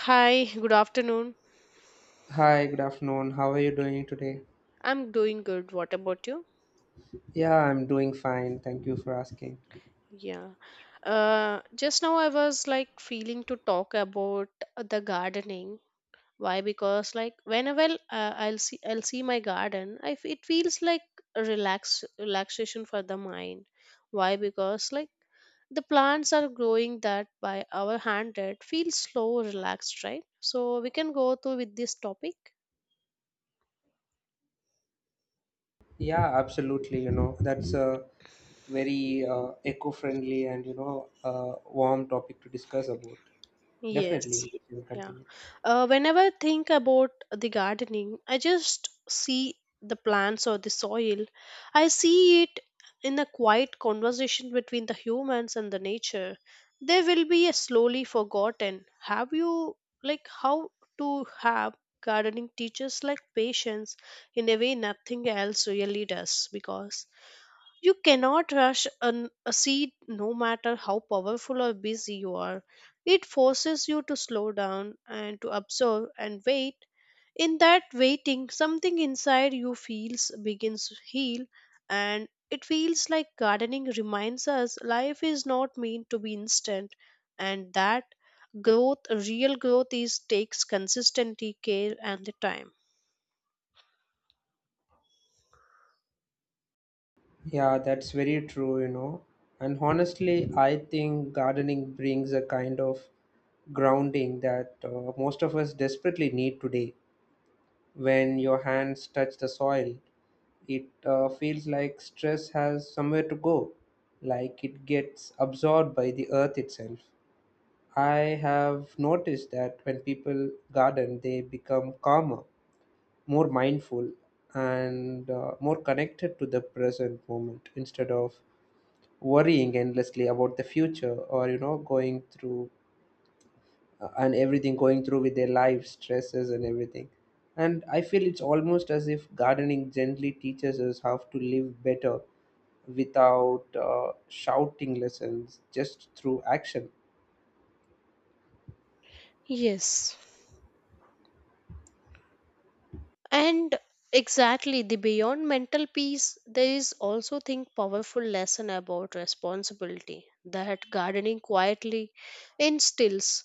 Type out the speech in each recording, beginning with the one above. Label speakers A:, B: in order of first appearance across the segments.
A: Hi, good afternoon.
B: Hi, good afternoon. How are you doing today?
A: I'm doing good. What about you?
B: Yeah, I'm doing fine. Thank you for asking.
A: Yeah. Just now I was like feeling to talk about the gardening. Why? Because like whenever I'll see my garden, I f it feels like a relaxation for the mind. Why? Because like the plants are growing that by our hand it feels slow, relaxed, right? So we can go through with this topic.
B: Yeah, absolutely. That's a very eco-friendly and, warm topic to discuss about. Definitely,
A: Yes,
B: we can
A: yeah.
B: continue.
A: Whenever I think about the gardening, I just see the plants or the soil. I see it in a quiet conversation between the humans and the nature. They will be a slowly forgotten. Have you like how to have gardening teachers like patience in a way nothing else really does because you cannot rush a seed no matter how powerful or busy you are. It forces you to slow down and to observe and wait. In that waiting, something inside you feels begins to heal, and it feels like gardening reminds us life is not meant to be instant, and that growth, real growth is takes consistency, care, and the time.
B: Yeah, that's very true. And honestly, I think gardening brings a kind of grounding that most of us desperately need today. When your hands touch the soil, it feels like stress has somewhere to go, like it gets absorbed by the earth itself. I have noticed that when people garden, they become calmer, more mindful, and more connected to the present moment instead of worrying endlessly about the future or, going through and everything, going through with their life stresses and everything. And I feel it's almost as if gardening gently teaches us how to live better without shouting lessons just through action.
A: Yes, and exactly the beyond mental peace there is also think powerful lesson about responsibility that gardening quietly instills.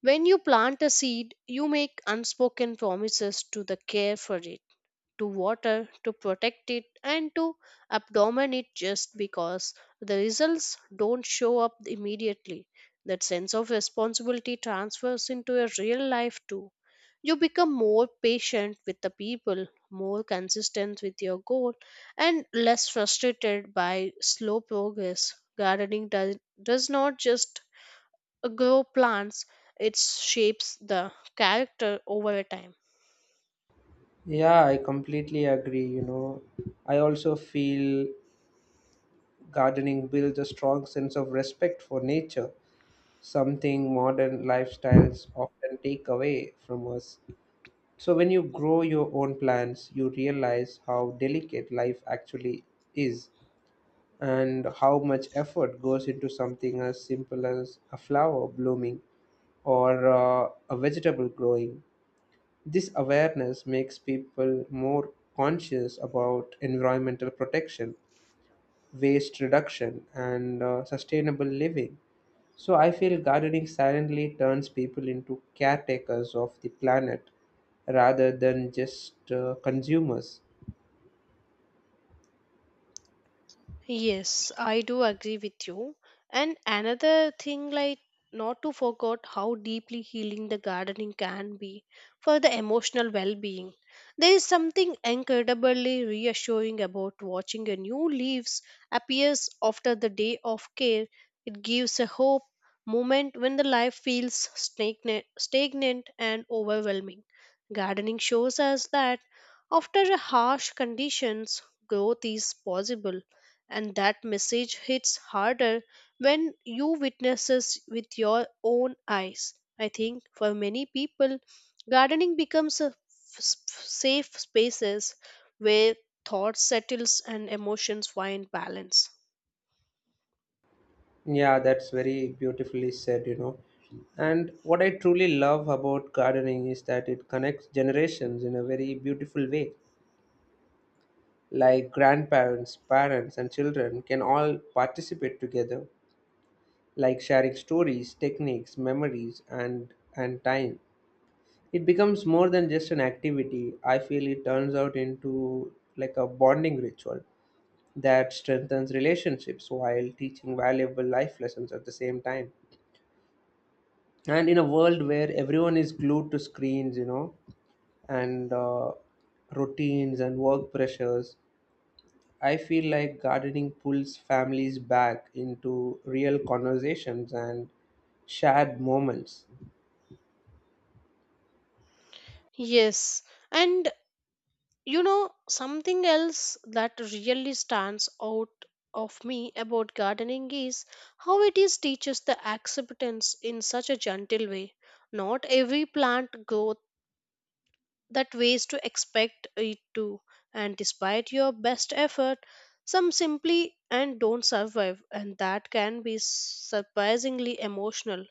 A: When you plant a seed you make unspoken promises to the care for it, to water, to protect it, and to abdomen it just because the results don't show up immediately. That sense of responsibility transfers into a real life too. You become more patient with the people, more consistent with your goal, and less frustrated by slow progress. Gardening does not just grow plants, it shapes the character over time.
B: Yeah, I completely agree. I also feel gardening builds a strong sense of respect for nature, something modern lifestyles often take away from us. So, when you grow your own plants, you realize how delicate life actually is and how much effort goes into something as simple as a flower blooming or a vegetable growing. This awareness makes people more conscious about environmental protection, waste reduction, and sustainable living. So I feel gardening silently turns people into caretakers of the planet rather than just consumers.
A: Yes, I do agree with you. And another thing, like not to forget how deeply healing the gardening can be for the emotional well being. There is something incredibly reassuring about watching a new leaves appears after the day of care. It gives a hope moment when the life feels stagnant and overwhelming. Gardening shows us that after harsh conditions, growth is possible, and that message hits harder when you witnesses with your own eyes. I think for many people gardening becomes a safe spaces where thought settles and emotions find balance.
B: Yeah, that's very beautifully said. And what I truly love about gardening is that it connects generations in a very beautiful way. Like grandparents, parents, and children can all participate together, like sharing stories, techniques, memories, and time. It becomes more than just an activity. I feel it turns out into like a bonding ritual that strengthens relationships while teaching valuable life lessons at the same time. And in a world where everyone is glued to screens, and routines and work pressures, I feel like gardening pulls families back into real conversations and shared moments.
A: Yes, and you know something else that really stands out of me about gardening is how it is teaches the acceptance in such a gentle way. Not every plant grows that ways to expect it to, and despite your best effort some simply and don't survive, and that can be surprisingly emotional.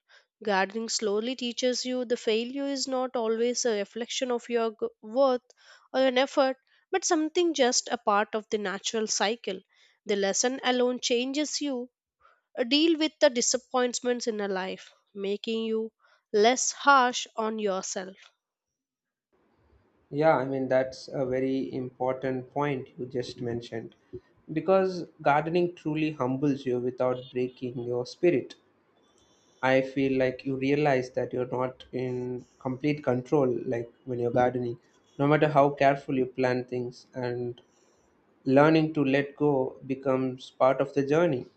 A: Gardening slowly teaches you the failure is not always a reflection of your worth or an effort, but something just a part of the natural cycle. The lesson alone changes you deal with the disappointments in a life, making you less harsh on yourself.
B: Yeah, I mean, that's a very important point you just mentioned because gardening truly humbles you without breaking your spirit. I feel like you realize that you're not in complete control, like when you're gardening, no matter how careful you plan things, and learning to let go becomes part of the journey.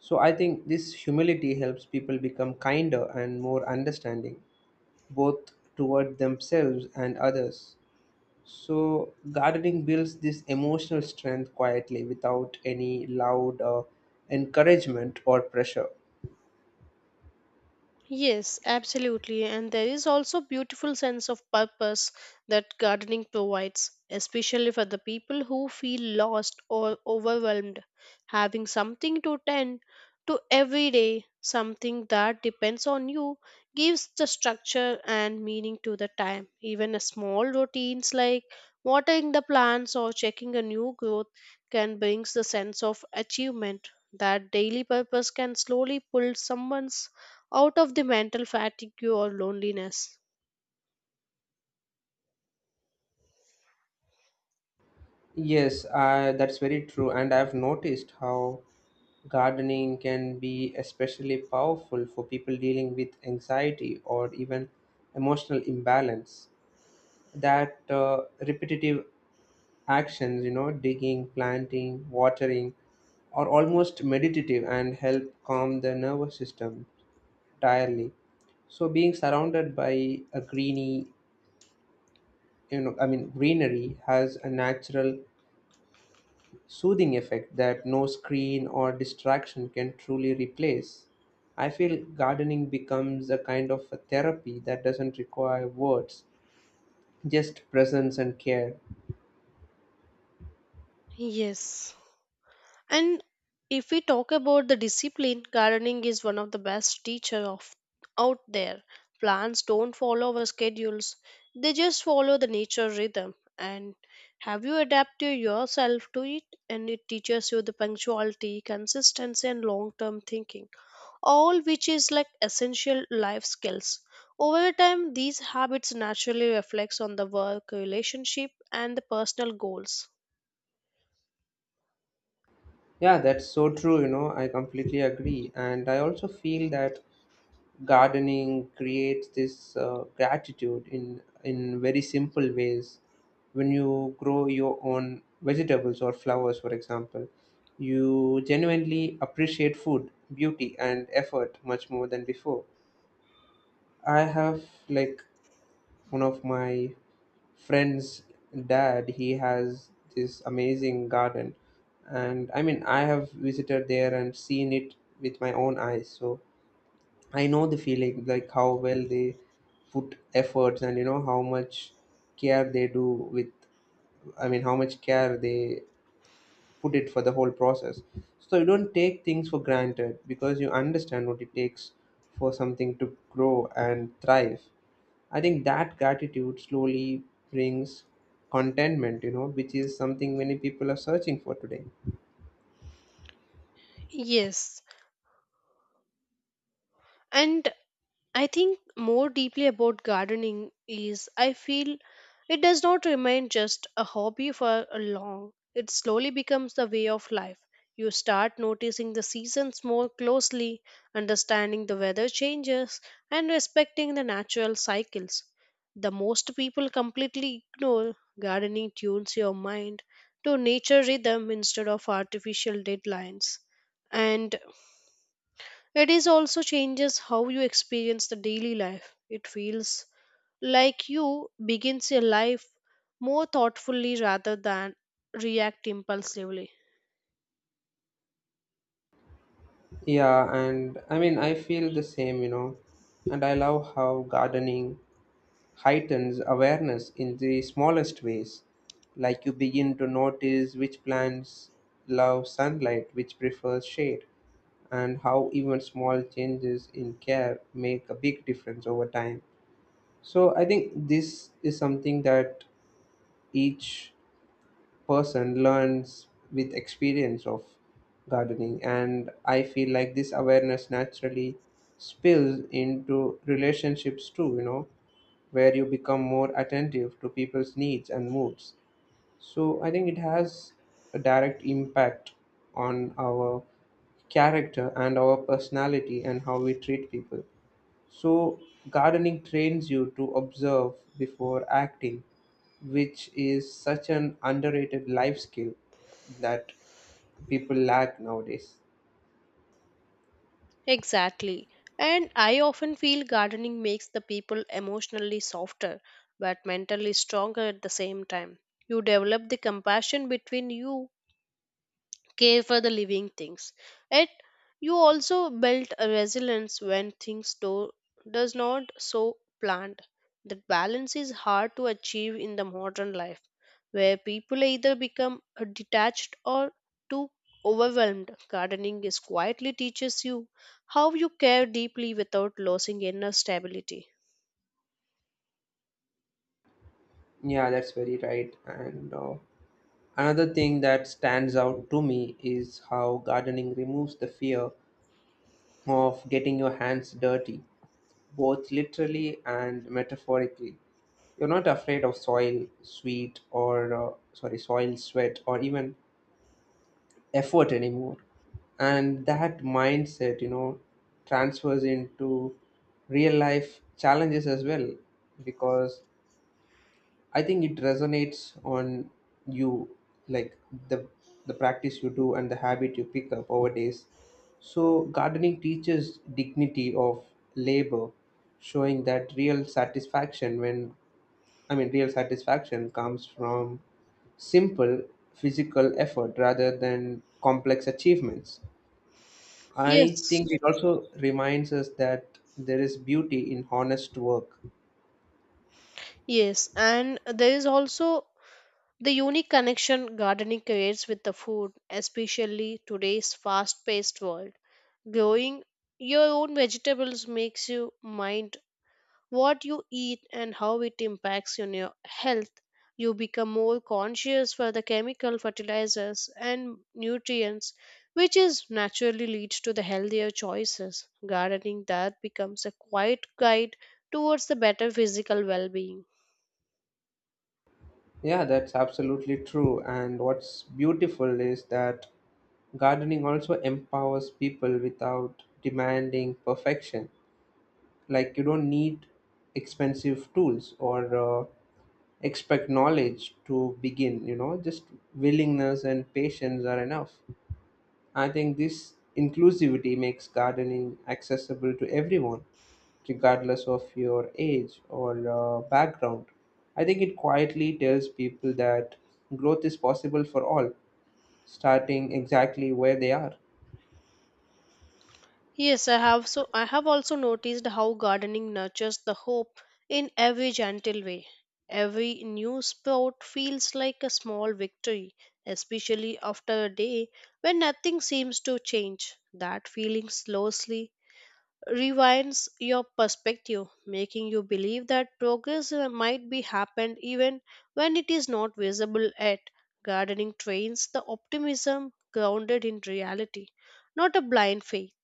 B: So I think this humility helps people become kinder and more understanding, both toward themselves and others. So, gardening builds this emotional strength quietly without any loud encouragement or pressure.
A: Yes, absolutely. And there is also beautiful sense of purpose that gardening provides, especially for the people who feel lost or overwhelmed. Having something to tend to every day, something that depends on you, gives the structure and meaning to the time. Even a small routines like watering the plants or checking a new growth can brings the sense of achievement. That daily purpose can slowly pull someone's out of the mental fatigue or loneliness.
B: Yes, that's very true. And I've noticed how gardening can be especially powerful for people dealing with anxiety or even emotional imbalance. That repetitive actions, digging, planting, watering, are almost meditative and help calm the nervous system entirely. So being surrounded by a greeny, I mean greenery has a natural soothing effect that no screen or distraction can truly replace. I feel gardening becomes a kind of a therapy that doesn't require words, just presence and care.
A: Yes. And if we talk about the discipline, gardening is one of the best teacher of out there. Plants don't follow our schedules. They just follow the nature rhythm. And have you adapted yourself to it? And it teaches you the punctuality, consistency, and long term thinking, all which is like essential life skills. Over time, these habits naturally reflects on the work relationship and the personal goals.
B: Yeah, that's so true, I completely agree. And I also feel that gardening creates this gratitude in very simple ways. When you grow your own vegetables or flowers, for example, you genuinely appreciate food, beauty, and effort much more than before. I have, like, one of my friends dad, he has this amazing garden. And I mean, I have visited there and seen it with my own eyes. So I know the feeling, like how well they put efforts and how much care they do with, I mean, how much care they put it for the whole process. So you don't take things for granted because you understand what it takes for something to grow and thrive. I think that gratitude slowly brings contentment, which is something many people are searching for today.
A: Yes, and I think more deeply about gardening is I feel it does not remain just a hobby for a long. It slowly becomes the way of life. You start noticing the seasons more closely, understanding the weather changes, and respecting the natural cycles. The most people completely ignore. Gardening tunes your mind to nature rhythm instead of artificial deadlines. And it is also changes how you experience the daily life. It feels like you begins your life more thoughtfully rather than react impulsively.
B: Yeah, and I mean, I feel the same, and I love how gardening heightens awareness in the smallest ways. Like you begin to notice which plants love sunlight, which prefers shade, and how even small changes in care make a big difference over time. So I think this is something that each person learns with experience of gardening, and I feel like this awareness naturally spills into relationships too, where you become more attentive to people's needs and moods. So I think it has a direct impact on our character and our personality and how we treat people. So gardening trains you to observe before acting, which is such an underrated life skill that people lack nowadays.
A: Exactly. And I often feel gardening makes the people emotionally softer but mentally stronger at the same time. You develop the compassion between you care for the living things. Yet you also built a resilience when things do does not so planned. That balance is hard to achieve in the modern life, where people either become detached or too overwhelmed. Gardening is quietly teaches you how you care deeply without losing inner stability.
B: Yeah, that's very right. And another thing that stands out to me is how gardening removes the fear of getting your hands dirty, both literally and metaphorically. You're not afraid of soil, sweat, or even effort anymore. And that mindset, transfers into real life challenges as well, because I think it resonates on you, like the the practice you do and the habit you pick up over days. So gardening teaches dignity of labor, showing that real satisfaction when I mean real satisfaction comes from simple physical effort rather than complex achievements. I
A: Yes.
B: think it also reminds us that there is beauty in honest work.
A: Yes, and there is also the unique connection gardening creates with the food, especially today's fast paced world. Growing your own vegetables makes you mind what you eat and how it impacts on your health. You become more conscious for the chemical fertilizers and nutrients, which is naturally leads to the healthier choices. Gardening that becomes a quiet guide towards the better physical well being.
B: Yeah, that's absolutely true. And what's beautiful is that gardening also empowers people without demanding perfection. Like, you don't need expensive tools or expect knowledge to begin, just willingness and patience are enough. I think this inclusivity makes gardening accessible to everyone regardless of your age or background. I think it quietly tells people that growth is possible for all, starting exactly where they are.
A: Yes, I have also noticed how gardening nurtures the hope in every gentle way. Every new spot feels like a small victory, especially after a day when nothing seems to change. That feeling slowly rewinds your perspective, making you believe that progress might be happened even when it is not visible yet. Gardening trains the optimism grounded in reality, not a blind faith.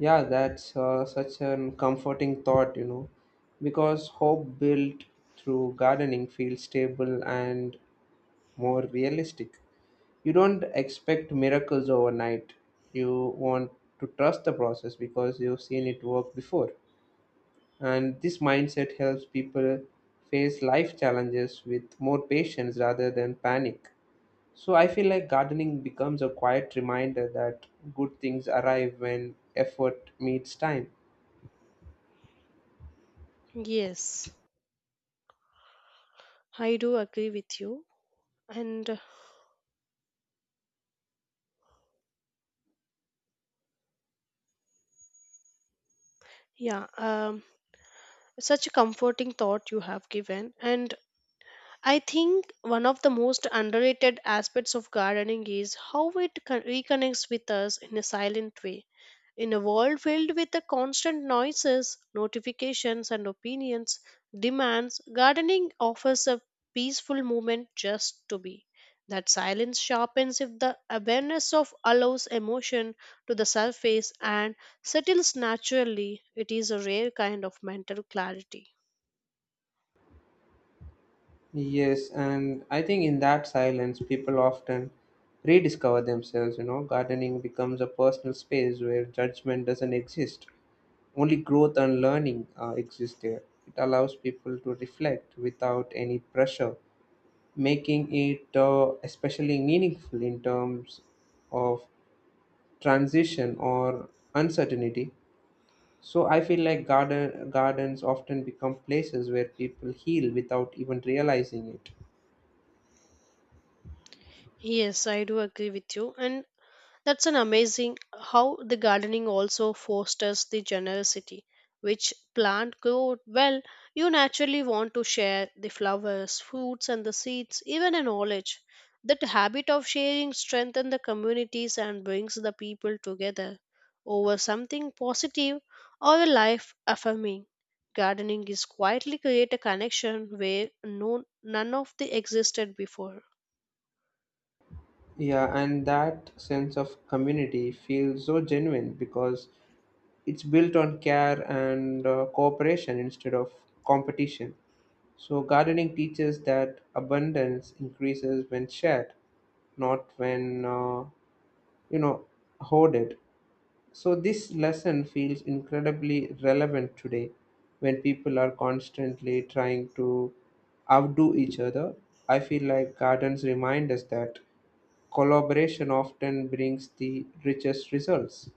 B: Yeah, that's such an comforting thought, because hope built through gardening feels stable and more realistic. You don't expect miracles overnight. You want to trust the process because you've seen it work before. And this mindset helps people face life challenges with more patience rather than panic. So I feel like gardening becomes a quiet reminder that good things arrive when effort meets time.
A: Yes, I do agree with you. And yeah, such a comforting thought you have given. And I think one of the most underrated aspects of gardening is how it reconnects with us in a silent way. In a world filled with the constant noises, notifications, and opinions, demands, gardening offers a peaceful moment just to be. That silence sharpens if the awareness of allows emotion to the surface and settles naturally. It is a rare kind of mental clarity.
B: Yes, and I think in that silence, people often rediscover themselves. Gardening becomes a personal space where judgment doesn't exist. Only growth and learning exist there. It allows people to reflect without any pressure, making it especially meaningful in terms of transition or uncertainty. So I feel like gardens often become places where people heal without even realizing it.
A: Yes, I do agree with you. And that's an amazing how the gardening also fosters the generosity. Which plant grow well, you naturally want to share the flowers, fruits, and the seeds, even a knowledge. That habit of sharing strengthens the communities and brings the people together over something positive or a life affirming. Gardening is quietly create a connection where none of the existed before.
B: Yeah, and that sense of community feels so genuine because it's built on care and cooperation instead of competition. So, gardening teaches that abundance increases when shared, not when you know hoarded. So this lesson feels incredibly relevant today when people are constantly trying to outdo each other. I feel like gardens remind us that collaboration often brings the richest results.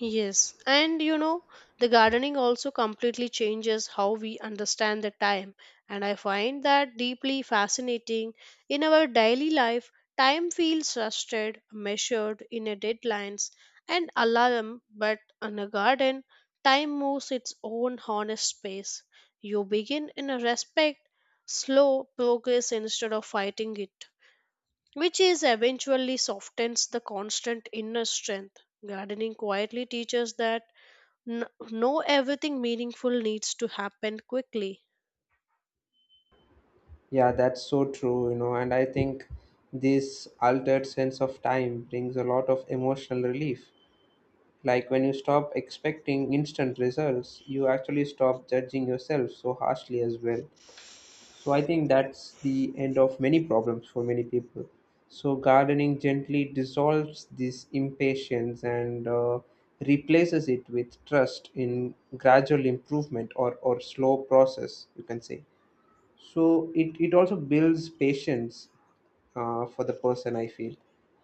A: Yes, and you know, the gardening also completely changes how we understand the time, and I find that deeply fascinating. In our daily life, time feels rusted, measured in a deadlines and alarm, but in a garden, time moves its own honest pace. You begin in a respect, slow progress instead of fighting it, which is eventually softens the constant inner strength. Gardening quietly teaches that no everything meaningful needs to happen quickly.
B: Yeah, that's so true, and I think this altered sense of time brings a lot of emotional relief. Like when you stop expecting instant results, you actually stop judging yourself so harshly as well. So I think that's the end of many problems for many people. So gardening gently dissolves this impatience and replaces it with trust in gradual improvement or slow process, you can say. So it also builds patience for the person, I feel.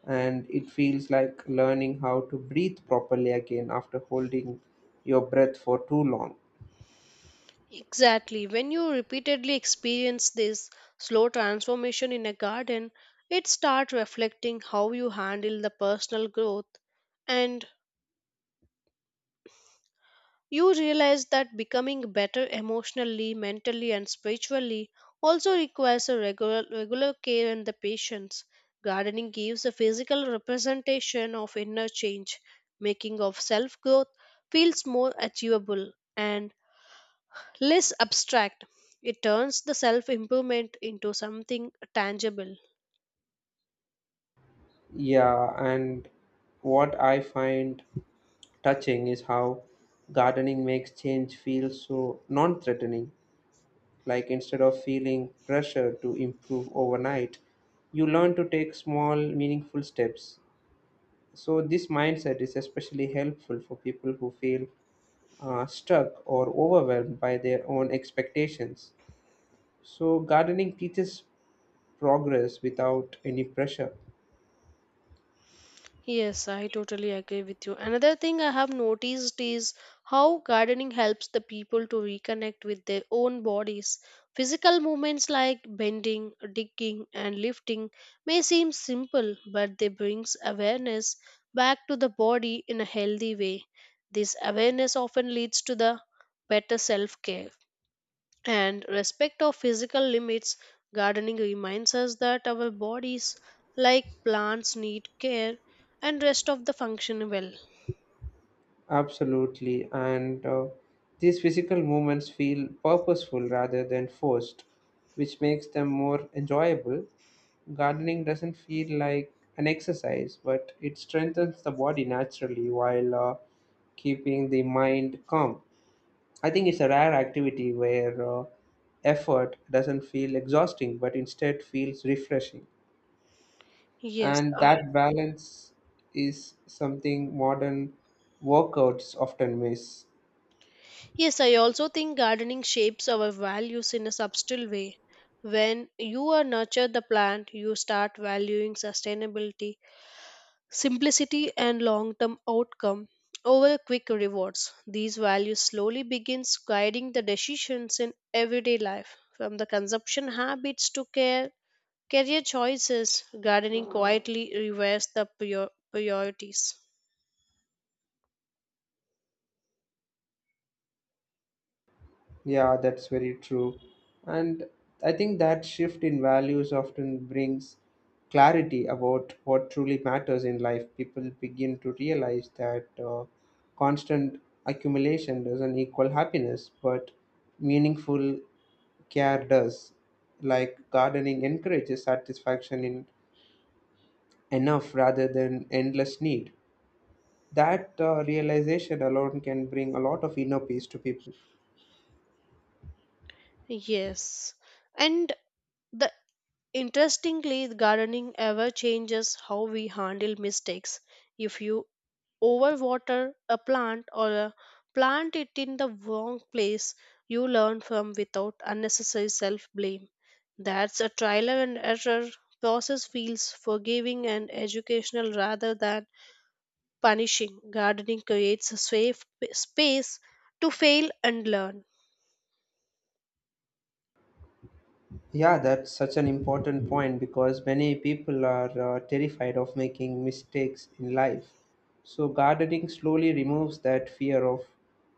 B: And it feels like learning how to breathe properly again after holding your breath for too long.
A: Exactly. When you repeatedly experience this slow transformation in a garden, it starts reflecting how you handle the personal growth. And you realize that becoming better emotionally, mentally, and spiritually also requires a regular care and the patience. Gardening gives a physical representation of inner change, making of self growth feels more achievable and less abstract. It turns the self improvement into something tangible.
B: Yeah, and what I find touching is how gardening makes change feel so non threatening. Like instead of feeling pressure to improve overnight, you learn to take small, meaningful steps. So, this mindset is especially helpful for people who feel stuck or overwhelmed by their own expectations. So, gardening teaches progress without any pressure.
A: Yes, I totally agree with you. Another thing I have noticed is how gardening helps the people to reconnect with their own bodies. Physical movements like bending, digging, and lifting may seem simple, but they brings awareness back to the body in a healthy way. This awareness often leads to the better self-care and respect of physical limits. Gardening reminds us that our bodies like plants need care and rest of the function well.
B: Absolutely. And these physical movements feel purposeful rather than forced, which makes them more enjoyable. Gardening doesn't feel like an exercise, but it strengthens the body naturally while keeping the mind calm. I think it's a rare activity where effort doesn't feel exhausting, but instead feels refreshing.
A: Yes,
B: And that balance is something modern workouts often miss.
A: yes, I also think gardening shapes our values in a subtle way. When you are nurture the plant you start valuing sustainability, simplicity, and long-term outcome over quick rewards. These values slowly begins guiding the decisions in everyday life, from the consumption habits to care, career choices. Gardening quietly reverses the priorities.
B: Yeah, that's very true. And I think that shift in values often brings clarity about what truly matters in life. People begin to realize that constant accumulation doesn't equal happiness, but meaningful care does. Like gardening encourages satisfaction in enough rather than endless need. That realization alone can bring a lot of inner peace to people.
A: Yes, and the interestingly, gardening ever changes how we handle mistakes. If you overwater a plant or a plant it in the wrong place, you learn from without unnecessary self blame. That's a trial and error process feels forgiving and educational rather than punishing. Gardening creates a safe space to fail and learn.
B: Yeah, that's such an important point because many people are terrified of making mistakes in life. So, gardening slowly removes that fear of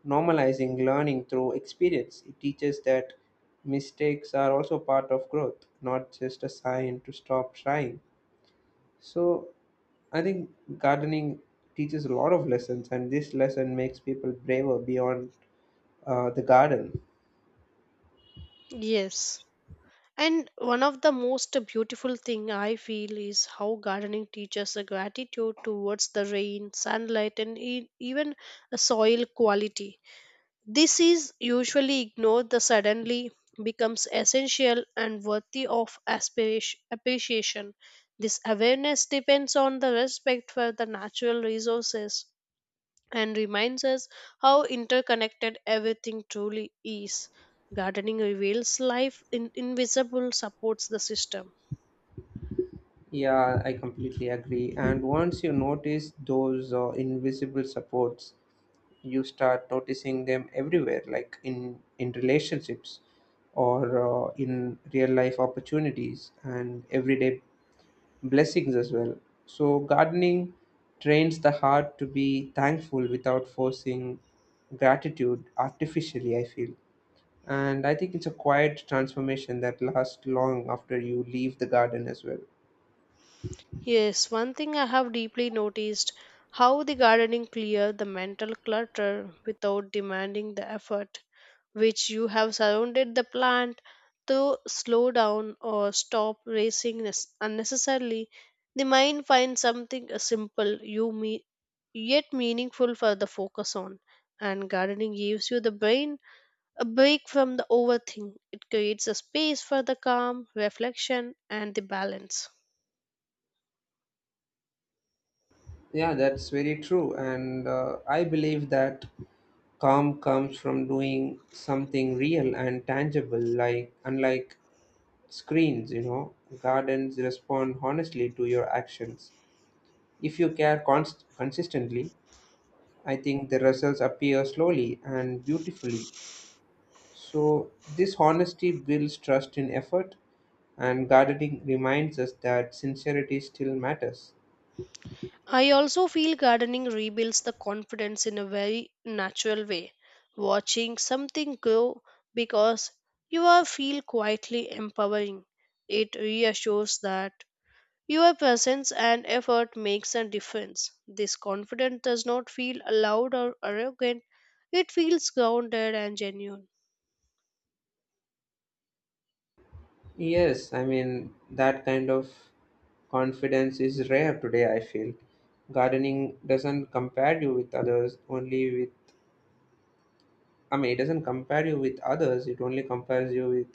B: normalizing learning through experience. It teaches that mistakes are also part of growth, not just a sign to stop trying. So, I think gardening teaches a lot of lessons, and this lesson makes people braver beyond the garden.
A: Yes. And one of the most beautiful thing I feel is how gardening teaches a gratitude towards the rain, sunlight, and even a soil quality. This is usually ignored, the suddenly becomes essential and worthy of aspiration, appreciation. This awareness depends on the respect for the natural resources and reminds us how interconnected everything truly is. Gardening reveals life in invisible supports the system.
B: Yeah, I completely agree. And once you notice those invisible supports, you start noticing them everywhere, like in relationships, or in real life opportunities and everyday blessings as well. So gardening trains the heart to be thankful without forcing gratitude artificially. I feel, and I think it's a quiet transformation that lasts long after you leave the garden as well.
A: Yes, one thing I have deeply noticed how the gardening clear the mental clutter without demanding the effort which you have surrounded the plant to slow down or stop racing unnecessarily. The mind finds something simple yet meaningful for the focus on. And gardening gives you the brain a break from the overthink. It creates a space for the calm, reflection, and the balance.
B: Yeah, that's very true. And I believe that calm comes from doing something real and tangible, unlike screens, gardens respond honestly to your actions. If you care consistently, I think the results appear slowly and beautifully. So, this honesty builds trust in effort, and gardening reminds us that sincerity still matters.
A: I also feel gardening rebuilds the confidence in a very natural way. Watching something grow because you are feel quietly empowering. It reassures that your presence and effort makes a difference. This confidence does not feel loud or arrogant. It feels grounded and genuine.
B: Yes, I mean, that kind of confidence is rare today, I feel. Gardening doesn't compare you with others, I mean, it doesn't compare you with others, it only compares you with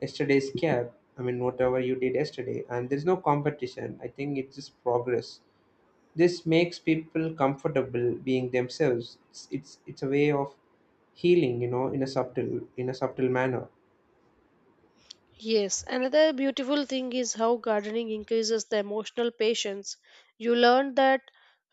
B: yesterday's care. I mean, whatever you did yesterday, and there's no competition. I think it's just progress. This makes people comfortable being themselves. It's a way of healing, in a subtle manner.
A: Yes, another beautiful thing is how gardening increases the emotional patience. You learn that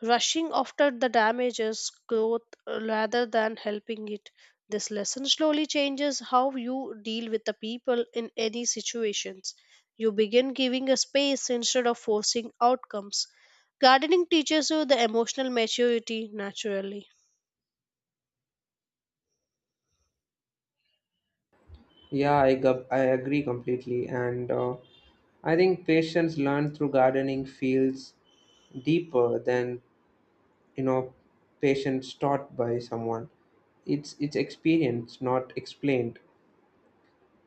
A: rushing after the damages growth rather than helping it. This lesson slowly changes how you deal with the people in any situations. You begin giving a space instead of forcing outcomes. Gardening teaches you the emotional maturity naturally.
B: Yeah, I agree completely. And I think patients learned through gardening feels deeper than, you know, patients taught by someone. It's experience, not explained.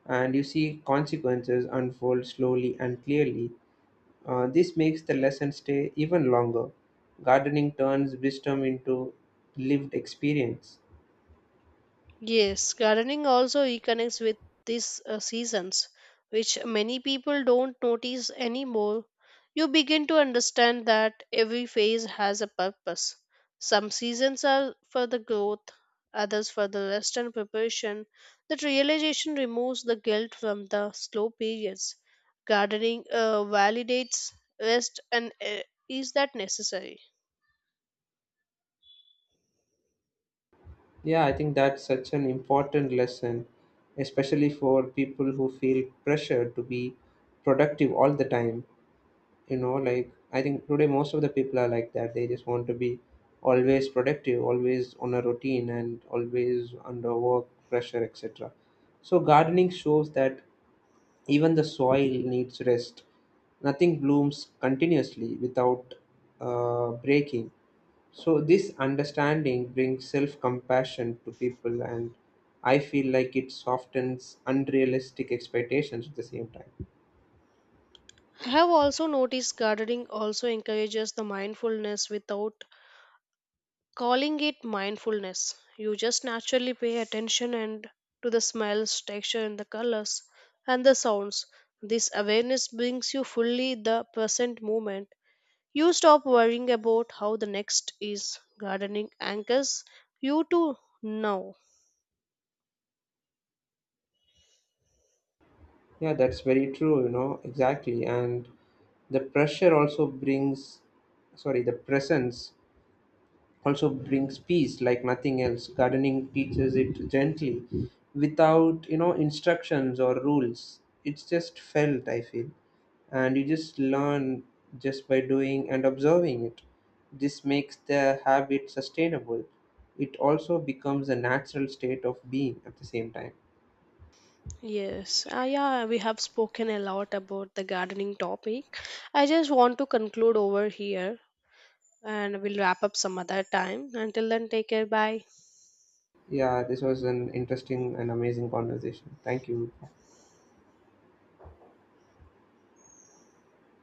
B: And you see consequences unfold slowly and clearly. This makes the lesson stay even longer. Gardening turns wisdom into lived experience.
A: Yes, gardening also reconnects with these seasons, which many people don't notice anymore. You begin to understand that every phase has a purpose. Some seasons are for the growth, others for the rest and preparation. That realization removes the guilt from the slow periods. Gardening validates rest and is that necessary?
B: Yeah, I think that's such an important lesson, especially for people who feel pressure to be productive all the time. Like I think today most of the people are like that. They just want to be always productive, always on a routine, and always under work pressure, etc. So, gardening shows that even the soil needs rest. Nothing blooms continuously without breaking. So, this understanding brings self compassion to people, and I feel like it softens unrealistic expectations at the same time.
A: I have also noticed gardening also encourages the mindfulness without calling it mindfulness. You just naturally pay attention and to the smells, texture, and the colors and the sounds. This awareness brings you fully the present moment. You stop worrying about how the next is. Gardening anchors you to now.
B: Yeah, that's very true, exactly. And the pressure also brings, the presence also brings peace like nothing else. Gardening teaches it gently without instructions or rules. It's just felt, I feel, and you just learn just by doing and observing it. This makes the habit sustainable. It also becomes a natural state of being at the same time.
A: Yes, yeah, we have spoken a lot about the gardening topic. I just want to conclude over here and we'll wrap up some other time. Until then, take care. Bye.
B: Yeah, this was an interesting and amazing conversation. Thank you.